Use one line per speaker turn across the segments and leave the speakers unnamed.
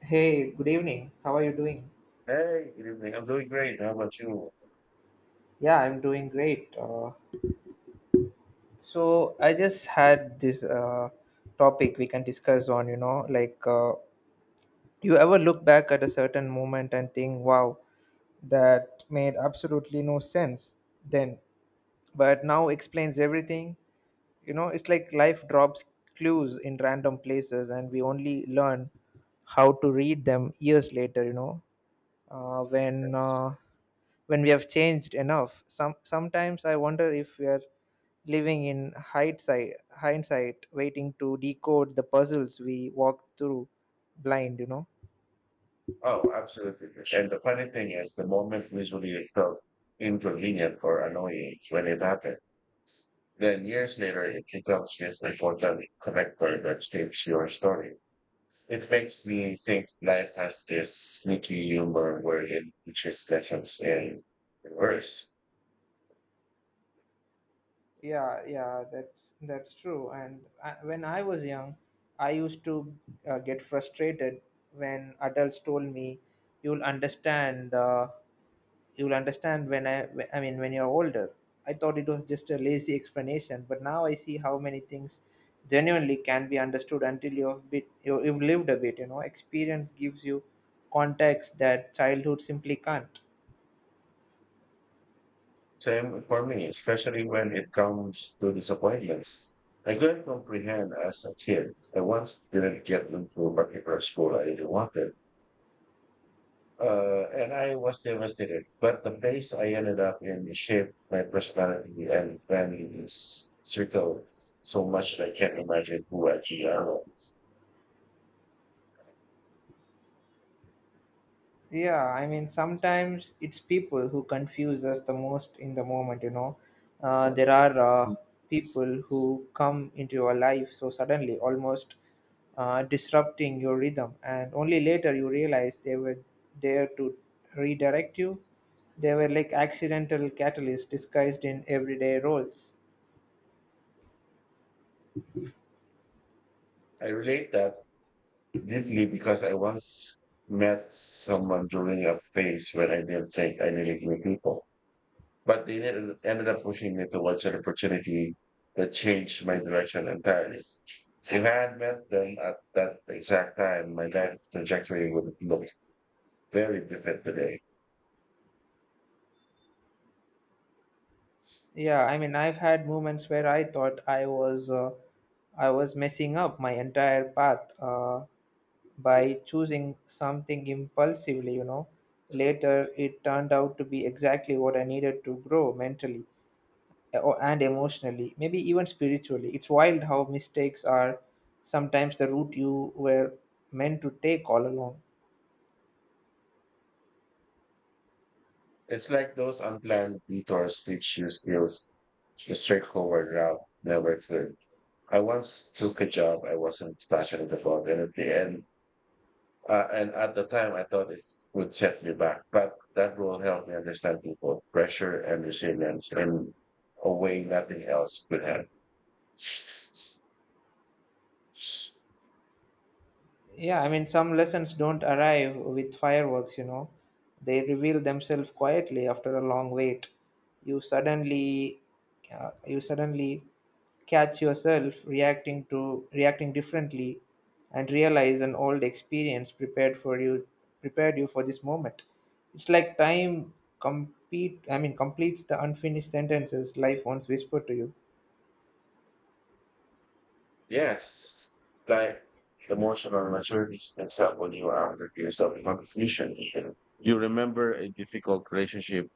Hey, good evening. How are you doing?
Hey, good evening. I'm doing great. How about you?
Yeah, I'm doing great. So I just had this topic we can discuss on, you know, like you ever look back at a certain moment and think, wow, that made absolutely no sense then, but now explains everything. You know, it's like life drops clues in random places and we only learn how to read them years later, you know, uh, when uh, when we have changed enough. Sometimes I wonder if we are living in hindsight hindsight, waiting to decode the puzzles we walked through blind, you know.
Oh, absolutely, for sure. And the funny thing is, the moment visually it felt inconvenient or annoying when it happened. Then years later, it becomes this important connector that shapes your story. It makes me think life has this sneaky humor where it teaches lessons in reverse.
Yeah, yeah, that's true. And when I was young, I used to get frustrated when adults told me you'll understand uh, you'll understand when when you're older. I thought it was just a lazy explanation, but now I see how many things genuinely can be understood until you've lived a bit. You know, experience gives you context that childhood simply can't.
Same for me, especially when it comes to disappointments. I couldn't comprehend as a kid. I once didn't get into a particular school I really wanted, and I was devastated. But the place I ended up in shaped my personality and circle so much that I can't imagine who I really
Yeah, I mean, sometimes it's people who confuse us the most in the moment, you know. Uh,
am.
there are uh, people who come into your life so suddenly, almost disrupting your rhythm, and only later you realize they were there to redirect you. They were like accidental catalysts disguised in everyday roles.
I relate that deeply because I once met someone during a phase when I didn't think I needed new people. But they ended up pushing me towards an opportunity that changed my direction entirely. If I had met them at that exact time, my life trajectory would look very different today.
Yeah, I mean, I've had moments where I thought I was messing up my entire path by choosing something impulsively, you know. Later, it turned out to be exactly what I needed to grow mentally and emotionally, maybe even spiritually. It's wild how mistakes are sometimes the route you were meant to take all along.
It's like those unplanned detours teach you skills the straightforward route never could. I once took a job I wasn't passionate about, and and at the time, I thought it would set me back, but that will help me understand people, pressure and resilience in a way nothing else could have.
Yeah, I mean, some lessons don't arrive with fireworks, you know. They reveal themselves quietly after a long wait. You suddenly, you suddenly catch yourself reacting differently, and realize an old experience prepared you for this moment. It's like time completes the unfinished sentences life once whispered to you.
Yes, like emotional maturity steps up when you are under years of confusion. You remember a difficult relationship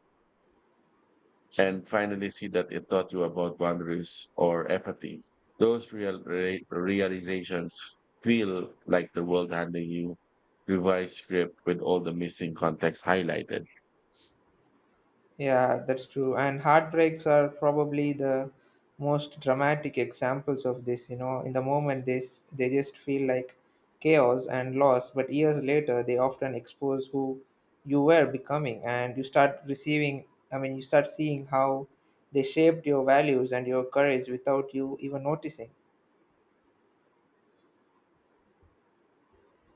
and finally see that it taught you about boundaries or empathy. Those realizations feel like the world handing you revised script with all the missing context highlighted.
Yeah, that's true. And heartbreaks are probably the most dramatic examples of this. You know, in the moment, they just feel like chaos and loss, but years later, they often expose who you were becoming, and you start receiving. I mean, you start seeing how they shaped your values and your courage without you even noticing.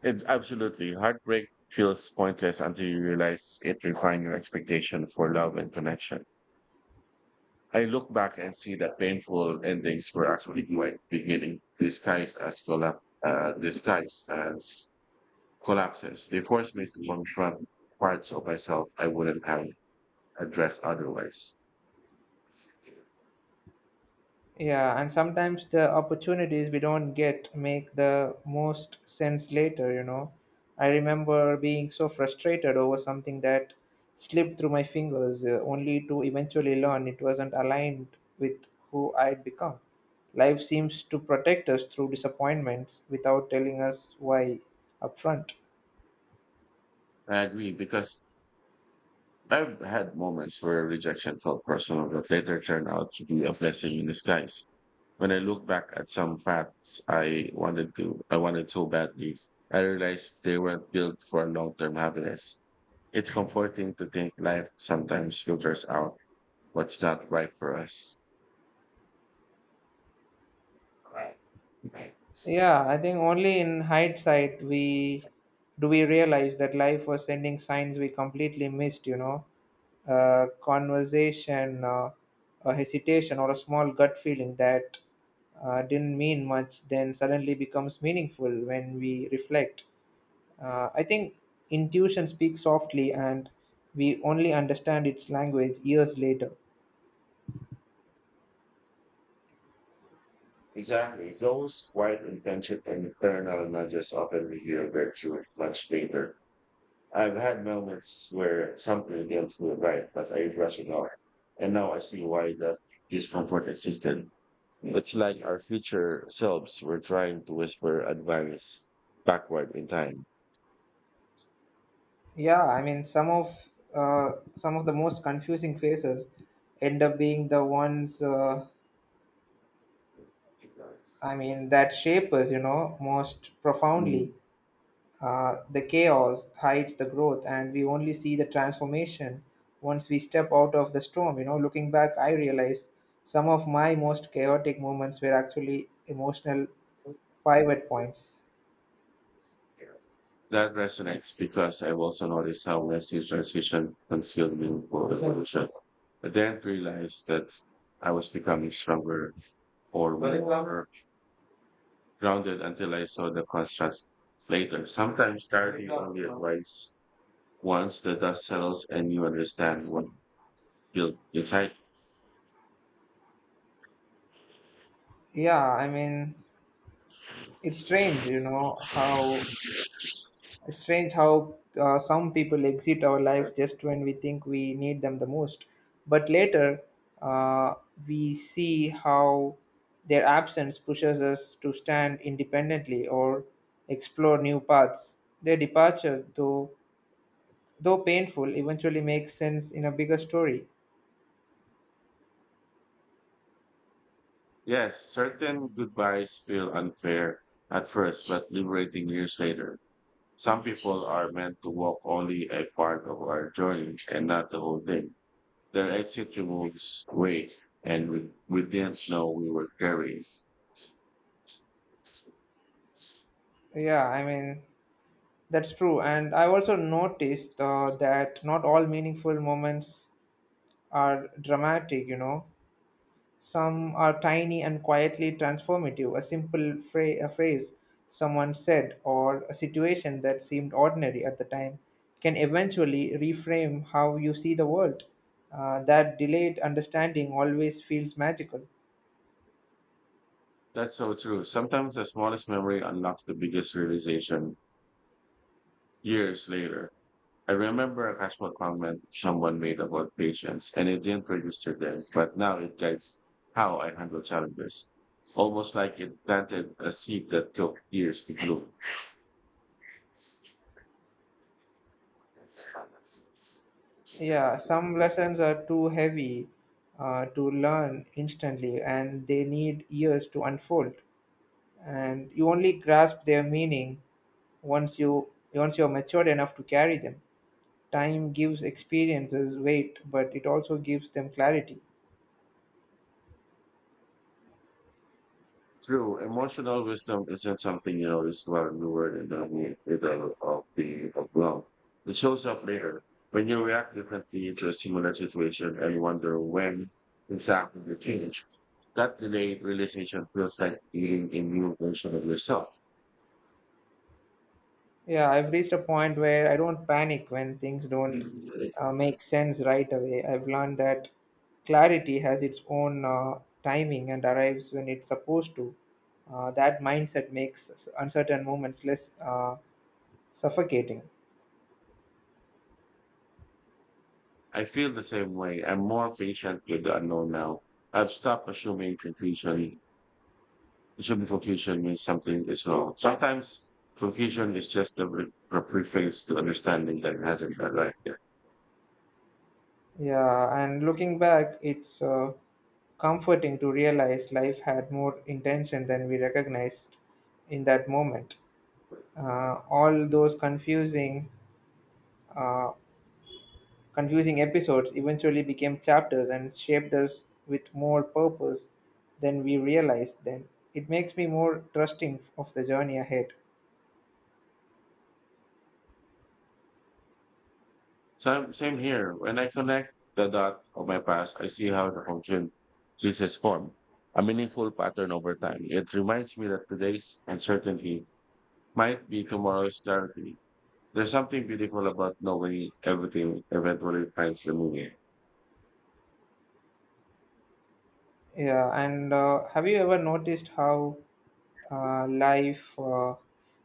It absolutely heartbreak feels pointless until you realize it refined your expectation for love and connection. I look back and see that painful endings were actually quite beginning disguised as collapses. They force me to confront parts of myself I wouldn't have addressed otherwise.
Yeah, and sometimes the opportunities we don't get make the most sense later, you know. I remember being so frustrated over something that slipped through my fingers, only to eventually learn it wasn't aligned with who I'd become. Life seems to protect us through disappointments without telling us why upfront.
I agree because I've had moments where rejection felt personal but later turned out to be a blessing in disguise. When I look back at some facts I wanted so badly, I realized they weren't built for long term happiness. It's comforting to think life sometimes filters out what's not right for us.
Yeah, I think only in hindsight we do we realize that life was sending signs we completely missed, you know: conversation, a hesitation, or a small gut feeling that didn't mean much then suddenly becomes meaningful when we reflect. I think intuition speaks softly and we only understand its language years later.
Exactly. Those quiet intention and internal nudges often reveal virtue much later. I've had moments where something didn't feel right, but I brushed it off. And now I see why the discomfort existed. It's like our future selves were trying to whisper advice backward in time.
Yeah, I mean, some of the most confusing phases end up being the ones that shape us, you know, most
Mm.
profoundly. The chaos hides the growth, and we only see the transformation once we step out of the storm. You know, looking back, I realize some of my most chaotic moments were actually emotional pivot points.
That resonates because I've also noticed how massive transition concealed meaningful evolution. I then realized that I was becoming stronger or more grounded until I saw the contrast later. Sometimes starting only advice once the dust settles and you understand what built inside.
Yeah, I mean, it's strange, you know, how It's strange how some people exit our life just when we think we need them the most. But later, uh, we see how their absence pushes us to stand independently or explore new paths. Their departure, though painful, eventually makes sense in a bigger story.
Yes, certain goodbyes feel unfair at first, but liberating years later. Some people are meant to walk only a part of our journey and not the whole thing. Their exit removes weight and we didn't know we were carrying.
Yeah, I mean, that's true. And I've also noticed that not all meaningful moments are dramatic, you know. Some are tiny and quietly transformative. A phrase someone said or a situation that seemed ordinary at the time can eventually reframe how you see the world. That delayed understanding always feels magical.
That's so true. Sometimes the smallest memory unlocks the biggest realization years later. I remember a casual comment someone made about patience and it didn't register then, but now it guides how I handle challenges. Almost like it planted a seed that took years to bloom.
Yeah, some lessons are too heavy to learn instantly, and they need years to unfold. And you only grasp their meaning once you're mature enough to carry them. Time gives experiences weight, but it also gives them clarity.
True, emotional wisdom isn't something you notice while you were in the middle of love. It shows up later when you react differently to a similar situation and wonder when exactly you change. That delayed realization feels like being a new version of yourself.
Yeah, I've reached a point where I don't panic when things don't make sense right away. I've learned that clarity has its own timing and arrives when it's supposed to. That mindset makes uncertain moments less suffocating.
I feel the same way. I'm more patient with the unknown now. I've stopped assuming confusion It should be confusion means something is wrong. Sometimes confusion is just a preface to understanding that hasn't arrived yet.
Yeah, and looking back, it's comforting to realize life had more intention than we recognized in that moment. All those uh, confusing episodes eventually became chapters and shaped us with more purpose than we realized then. It makes me more trusting of the journey ahead.
Same, same here. When I connect the dot of my past, I see how the function this has formed a meaningful pattern over time. It reminds me that today's uncertainty might be tomorrow's clarity. There's something beautiful about knowing everything eventually finds the meaning.
Yeah, and have you ever noticed how life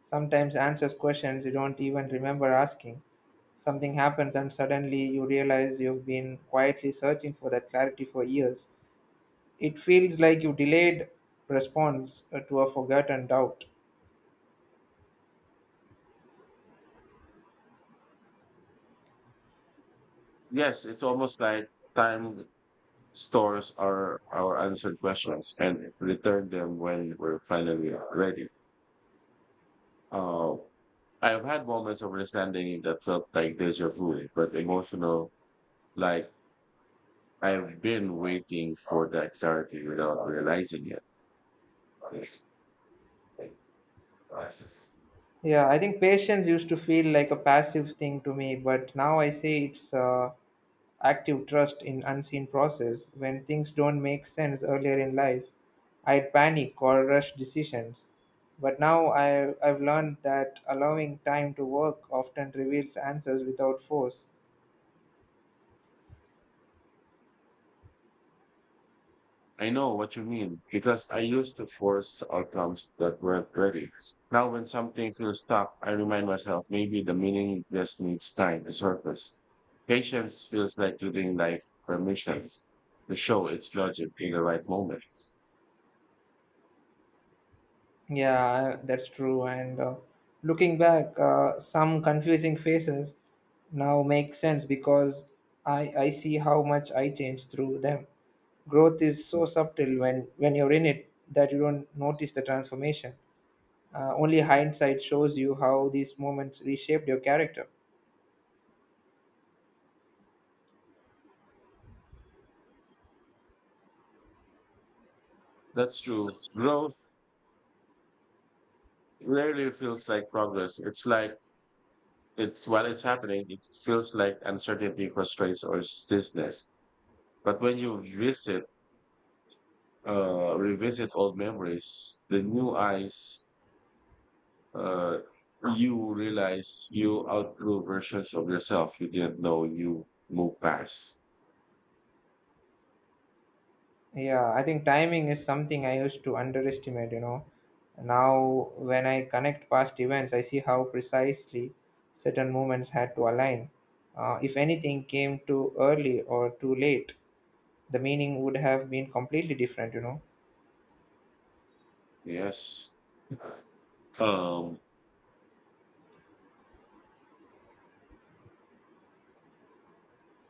sometimes answers questions you don't even remember asking? Something happens, and suddenly you realize you've been quietly searching for that clarity for years. It feels like you delayed response to a forgotten doubt.
Yes, it's almost like time stores are our answered questions and return them when we're finally ready. Uh, I have had moments of understanding that felt like deja vu, but emotional, like I've been waiting for that clarity without realizing it.
Yeah, I think patience used to feel like a passive thing to me, but now I say it's active trust in unseen process. When things don't make sense earlier in life, I'd panic or rush decisions. But now I've learned that allowing time to work often reveals answers without force.
I know what you mean because I used to force outcomes that weren't ready. Now, when something feels stuck, I remind myself maybe the meaning just needs time to surface. Patience feels like giving life permission to show its logic in the right moment.
Yeah, that's true. And Looking back, some confusing faces now make sense because I see how much I changed through them. Growth is so subtle when you're in it that you don't notice the transformation. Only hindsight shows you how these moments reshaped your character.
That's true. Growth rarely feels like progress. It's while it's happening, it feels like uncertainty, frustration, or stiffness. But when you revisit old memories, the new eyes uh, you realize you outgrew versions of yourself you didn't know you moved past.
Yeah, I think timing is something I used to underestimate, you know. Now, when I connect past events, I see how precisely certain moments had to align. If anything came too early or too late, the meaning would have been completely different, you know.
Yes. Um,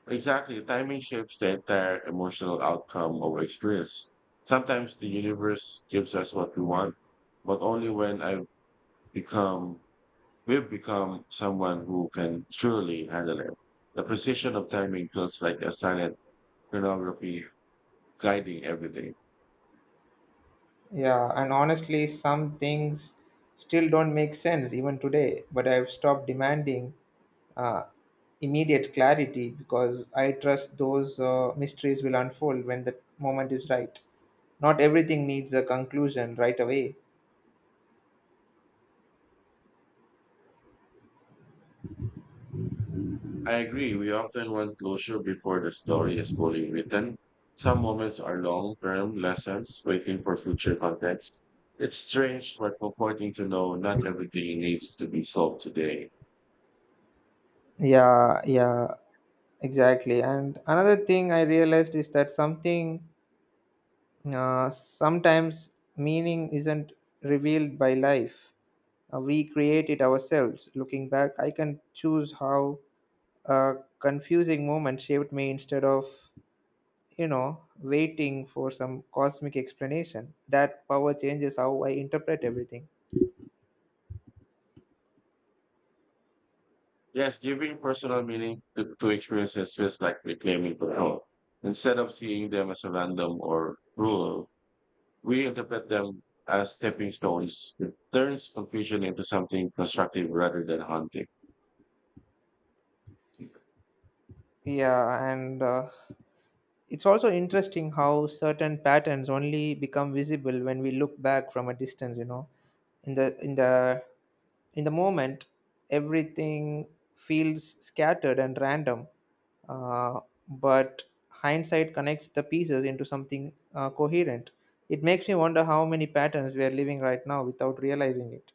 exactly. Timing shapes the entire emotional outcome of experience. Sometimes the universe gives us what we want, but only when become, we've become someone who can truly handle it. The precision of timing feels like a silent chronography guiding everything.
Yeah, and honestly, some things still don't make sense even today, but I've stopped demanding uh, immediate clarity because I trust those mysteries will unfold when the moment is right. Not everything needs a conclusion right away.
I agree. We often want closure before the story is fully written. Some moments are long term lessons waiting for future context. It's strange but comforting to know not everything needs to be solved today.
Yeah, yeah, exactly. And another thing I realized is that something sometimes meaning isn't revealed by life. We create it ourselves. Looking back, I can choose how a confusing moment shaped me instead of, you know, waiting for some cosmic explanation. That power changes how I interpret everything.
Yes, giving personal meaning to experiences feels like reclaiming control. Instead of seeing them as a random or rule, we interpret them as stepping stones. It turns confusion into something constructive rather than haunting.
Yeah, and it's also interesting how certain patterns only become visible when we look back from a distance, you know. In the in the in the moment, everything feels scattered and random, uh, but hindsight connects the pieces into something coherent. It makes me wonder how many patterns we are living right now without realizing it.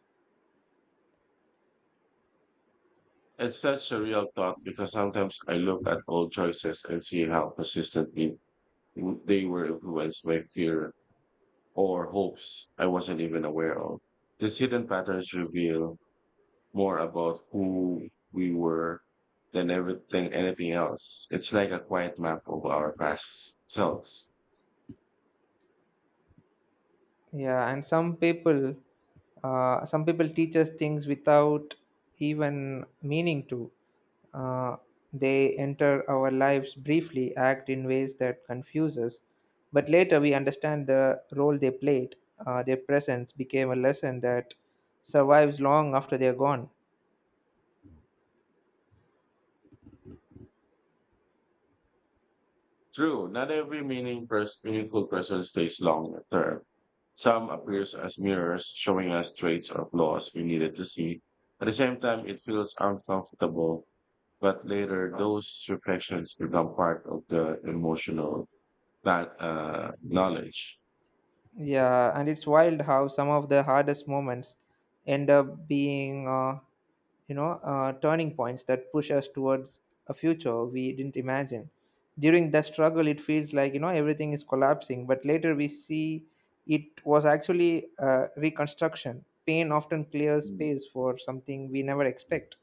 It's such a real thought because sometimes I look at old choices and see how persistently they were influenced by fear or hopes I wasn't even aware of. These hidden patterns reveal more about who we were than everything anything else. It's like a quiet map of our past selves.
Yeah, and some people teach us things without even meaning to. Uh, they enter our lives briefly, act in ways that confuse us, but later we understand the role they played. Their presence became a lesson that survives long after they are gone.
True, not every meaningful person stays long term. Some appears as mirrors, showing us traits or flaws we needed to see. At the same time, it feels uncomfortable, but later those reflections become part of the emotional knowledge.
Yeah, and it's wild how some of the hardest moments end up being turning points that push us towards a future we didn't imagine. During that struggle, it feels like, you know, everything is collapsing, but later we see it was actually reconstruction. Pain often clears
Mm.
space for something we never expect.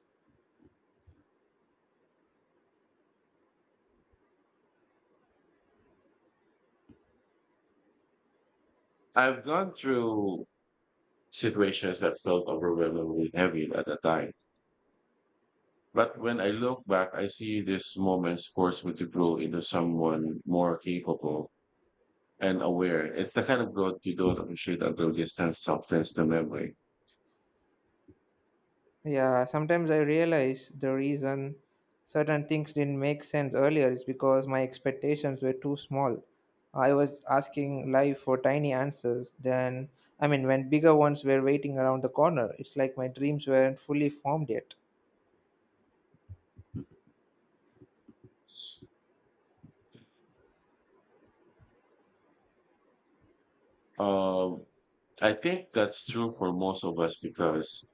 I've gone through situations that felt overwhelmingly heavy at the time. But when I look back, I see these moments force me to grow into someone more capable and aware. It's the kind of growth you don't appreciate until distance softens the memory.
Yeah, sometimes I realize the reason certain things didn't make sense earlier is because my expectations were too small. I was asking life for tiny answers when bigger ones were waiting around the corner. It's like my dreams weren't fully formed yet.
Um, I think that's true for most of us because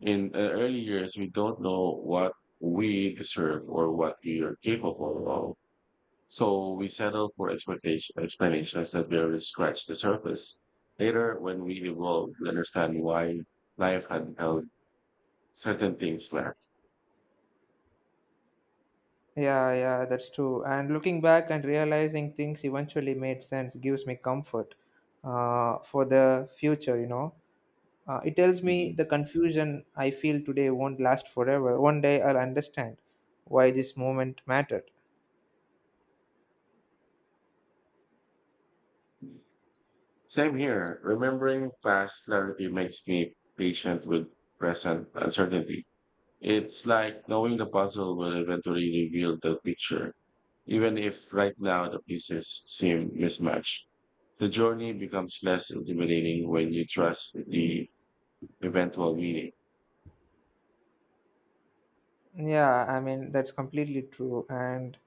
in early years, we don't know what we deserve or what we are capable of. So we settle for expectation, explanations that barely scratch the surface. Later, when we evolve, we understand why life had held certain things back.
Yeah, yeah, that's true. And looking back and realizing things eventually made sense gives me comfort for the future, you know. It tells me the confusion I feel today won't last forever. One day I'll understand why this moment mattered.
Mhm. Same here. Remembering past clarity makes me patient with present uncertainty. It's like knowing the puzzle will eventually reveal the picture, even if right now the pieces seem mismatched. The journey becomes less intimidating when you trust the eventual meaning.
Yeah, I mean that's completely true. And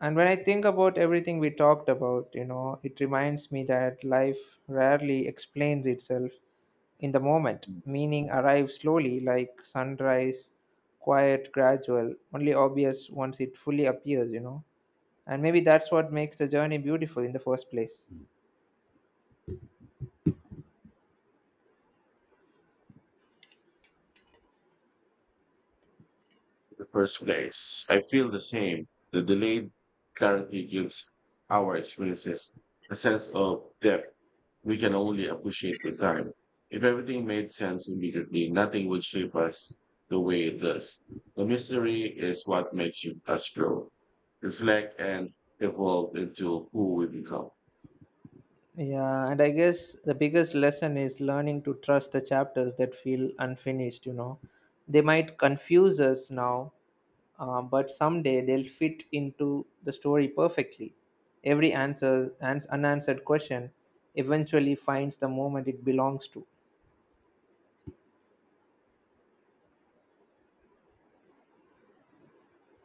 and when I think about everything we talked about, you know, it reminds me that life rarely explains itself in the moment. Meaning arrives slowly, like sunrise, quiet, gradual, only obvious once it fully appears, you know. And maybe that's what makes the journey beautiful in the first place.
The first place. I feel the same. The delayed clarity gives our experiences a sense of depth we can only appreciate with time. If everything made sense immediately, nothing would shape us the way it does. The mystery is what makes you us grow, reflect, and evolve into who we become.
Yeah, and I guess the biggest lesson is learning to trust the chapters that feel unfinished, you know. They might confuse us now, but someday they'll fit into the story perfectly. Every unanswered question eventually finds the moment it belongs to.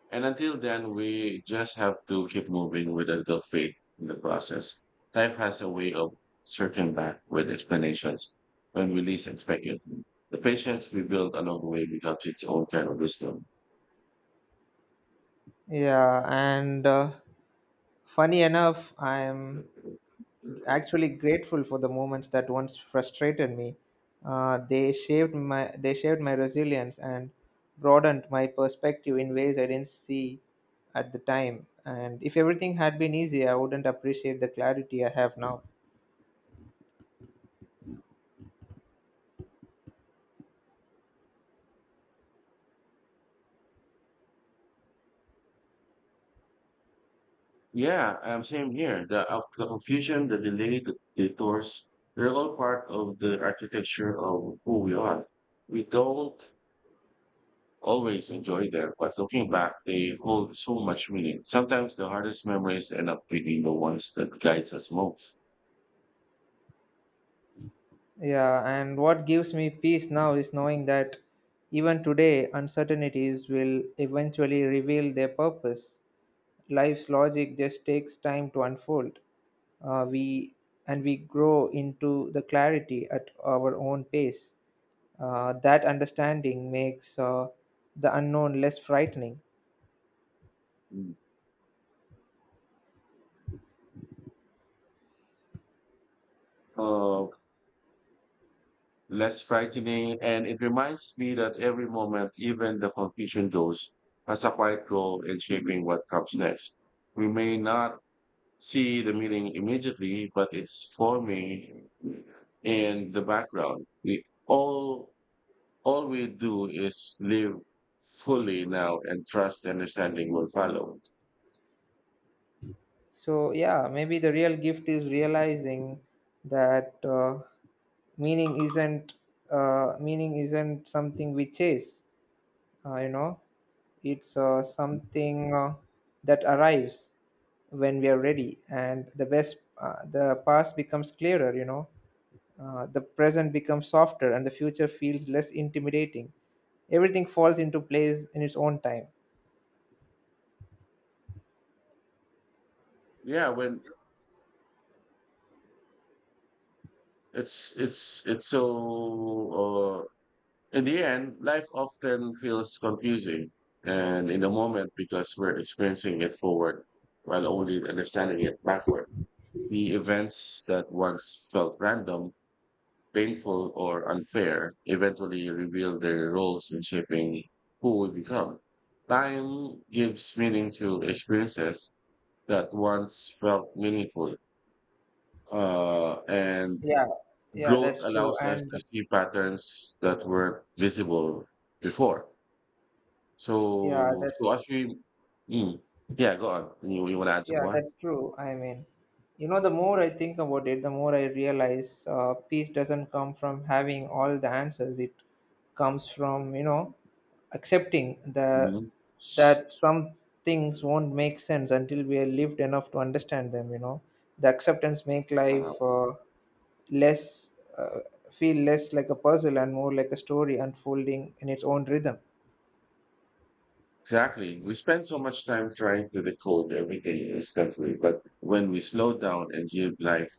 And until then, we just have to keep moving with a good faith in the process. Life has a way of circling back with explanations when we least expect it. The patience we build along the way becomes its own kind of wisdom.
Yeah, and funny enough, I'm actually grateful for the moments that once frustrated me. They shaped my resilience and broadened my perspective in ways I didn't see at the time. And if everything had been easy, I wouldn't appreciate the clarity I have now.
Yeah, same here. The, of the confusion, the delay, the detours, they're all part of the architecture of who we are. We don't always enjoy them, but looking back, they hold so much meaning. Sometimes the hardest memories end up being the ones that guides us most.
Yeah, and what gives me peace now is knowing that even today, uncertainties will eventually reveal their purpose. Life's logic just takes time to unfold. We And we grow into the clarity at our own pace. That understanding makes the unknown less frightening.
Mm. Uh, Less frightening, and it reminds me that every moment, even the confusion goes, has a quiet goal in shaping what comes next. We may not see the meaning immediately, but it's forming in the background. We all we do is live fully now and trust and understanding will follow.
So yeah, maybe the real gift is realizing that meaning isn't meaning isn't something we chase. You know, it's something that arrives when we are ready, and the past becomes clearer. You know, the present becomes softer and the future feels less intimidating. Everything falls into place in its own time.
Yeah, when it's so in the end, life often feels confusing and in the moment because we're experiencing it forward while only understanding it backward. The events that once felt random painful or unfair, eventually reveal their roles in shaping who we become. Time gives meaning to experiences that once felt meaningful. And
Yeah, yeah,
growth
that's true.
allows us
And
to see patterns that weren't visible before.
yeah,
So, so
that's
as we, mm, yeah, go on. You want to add some
yeah,
more?
that's true. I mean, you know, the more I think about it, the more I realize peace doesn't come from having all the answers. It comes from, you know, accepting the
Mhm.
that some things won't make sense until we are lived enough to understand them. You know, the acceptance make life less uh, feel less like a puzzle and more like a story unfolding in its own rhythm.
Exactly. We spend so much time trying to decode everything instantly, but when we slow down and give life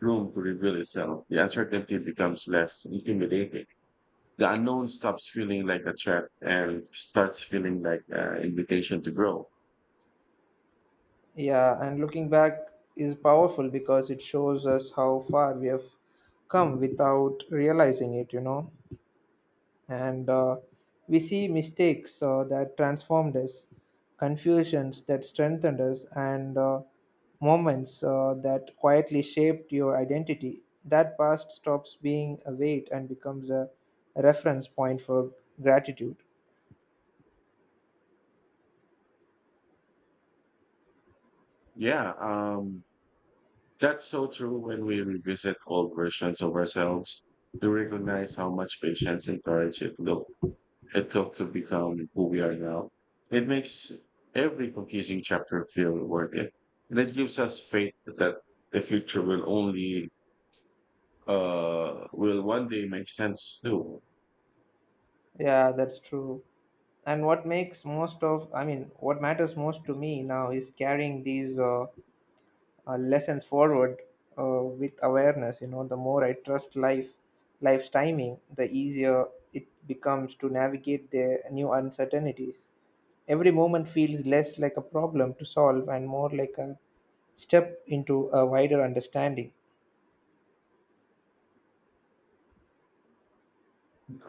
room to reveal itself, the uncertainty becomes less intimidating. The unknown stops feeling like a threat and starts feeling like an invitation to grow.
Yeah, and looking back is powerful because it shows us how far we have come without realizing it, you know. And We see mistakes that transformed us, confusions that strengthened us, and moments that quietly shaped your identity. That past stops being a weight and becomes a reference point for gratitude.
Yeah, that's so true when we revisit old versions of ourselves to recognize how much patience and courage it took to become who we are now. It makes every confusing chapter feel worth it. And it gives us faith that the future will only, will one day make sense too.
Yeah, that's true. And what makes most of, I mean, what matters most to me now is carrying these lessons forward with awareness. You know, the more I trust life's timing, the easier it becomes to navigate the new uncertainties. Every moment feels less like a problem to solve and more like a step into a wider understanding.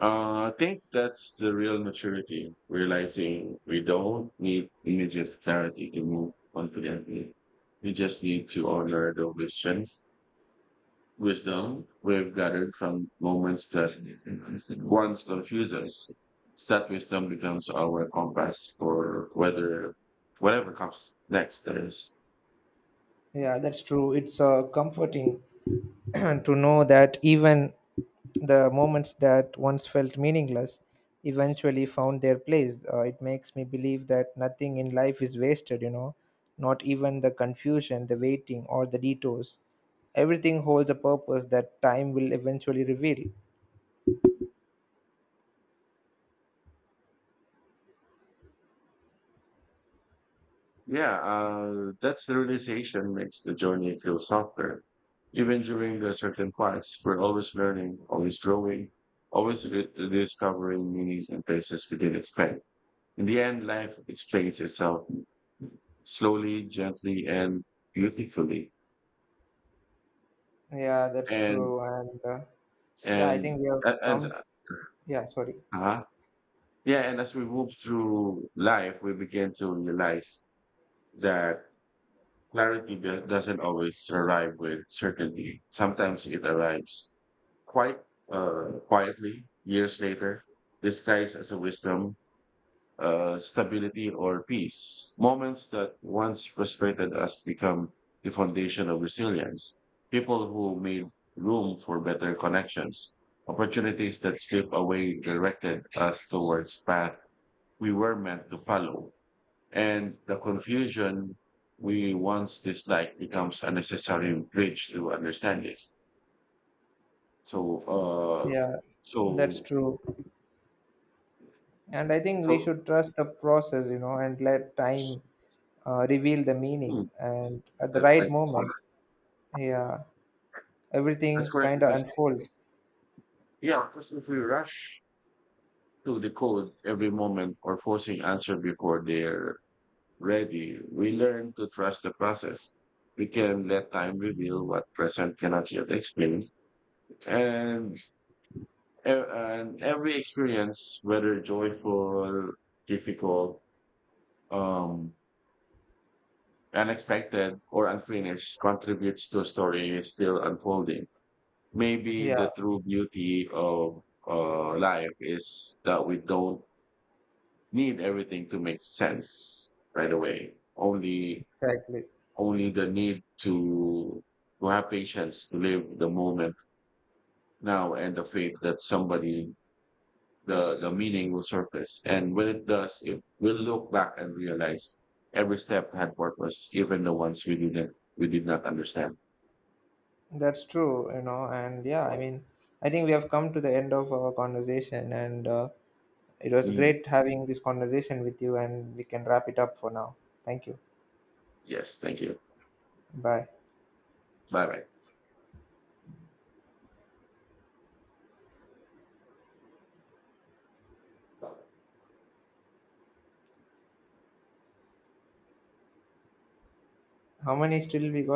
I think that's the real maturity, realizing we don't need immediate clarity to move confidently. We just need to honor the vision wisdom we've gathered from moments that once confuse us. That wisdom becomes our compass for whether whatever comes next. That is,
Yeah, that's true. It's comforting to know that even the moments that once felt meaningless eventually found their place. It makes me believe that nothing in life is wasted, you know, not even the confusion, the waiting, or the detours. Everything holds a purpose that time will eventually reveal.
yeah, that's the realization makes the journey feel softer. Even during the certain parts, we're always learning, always growing, discovering meaning in places we didn't expect. In the end, life explains itself slowly, gently, and beautifully.
Yeah, that's
And
true. And Yeah, I
And
think we have
a and
come. Yeah, sorry.
uh Yeah, and as we move through life, we begin to realize that clarity do doesn't always arrive with certainty. Sometimes it arrives quite quietly years later, disguised as a wisdom, stability or peace. Moments that once frustrated us become the foundation of resilience. People who made room for better connections, opportunities that slip away directed us towards path we were meant to follow. And the confusion we once disliked becomes a necessary bridge to understanding. So, uh,
Yeah, that's
so,
true. And I think we
so,
should trust the process, you know, and let time reveal the
hmm,
meaning. And at the
that's,
right
that's, correct.
moment, yeah,
That's
everything
correct
kind of
because
unfolds.
yeah, because if we rush to decode every moment or forcing answer before they're ready, we learn to trust the process. We can let time reveal what present cannot yet explain. And, and every experience, whether joyful, difficult, um, unexpected, or unfinished, contributes to a story still unfolding. Maybe
Yeah,
the true beauty of life is that we don't need everything to make sense right away.
exactly.
Only the need to have patience to live the moment now and the faith that somebody the meaning will surface. And when it does, it will look back and realize every step had purpose, even the ones we did not understand.
That's true, you know. And yeah, I mean, I think we have come to the end of our conversation, and it was
Mm.
great having this conversation with you. And we can wrap it up for now. Thank you.
Yes, thank you.
Bye.
Bye bye.
How many still we got?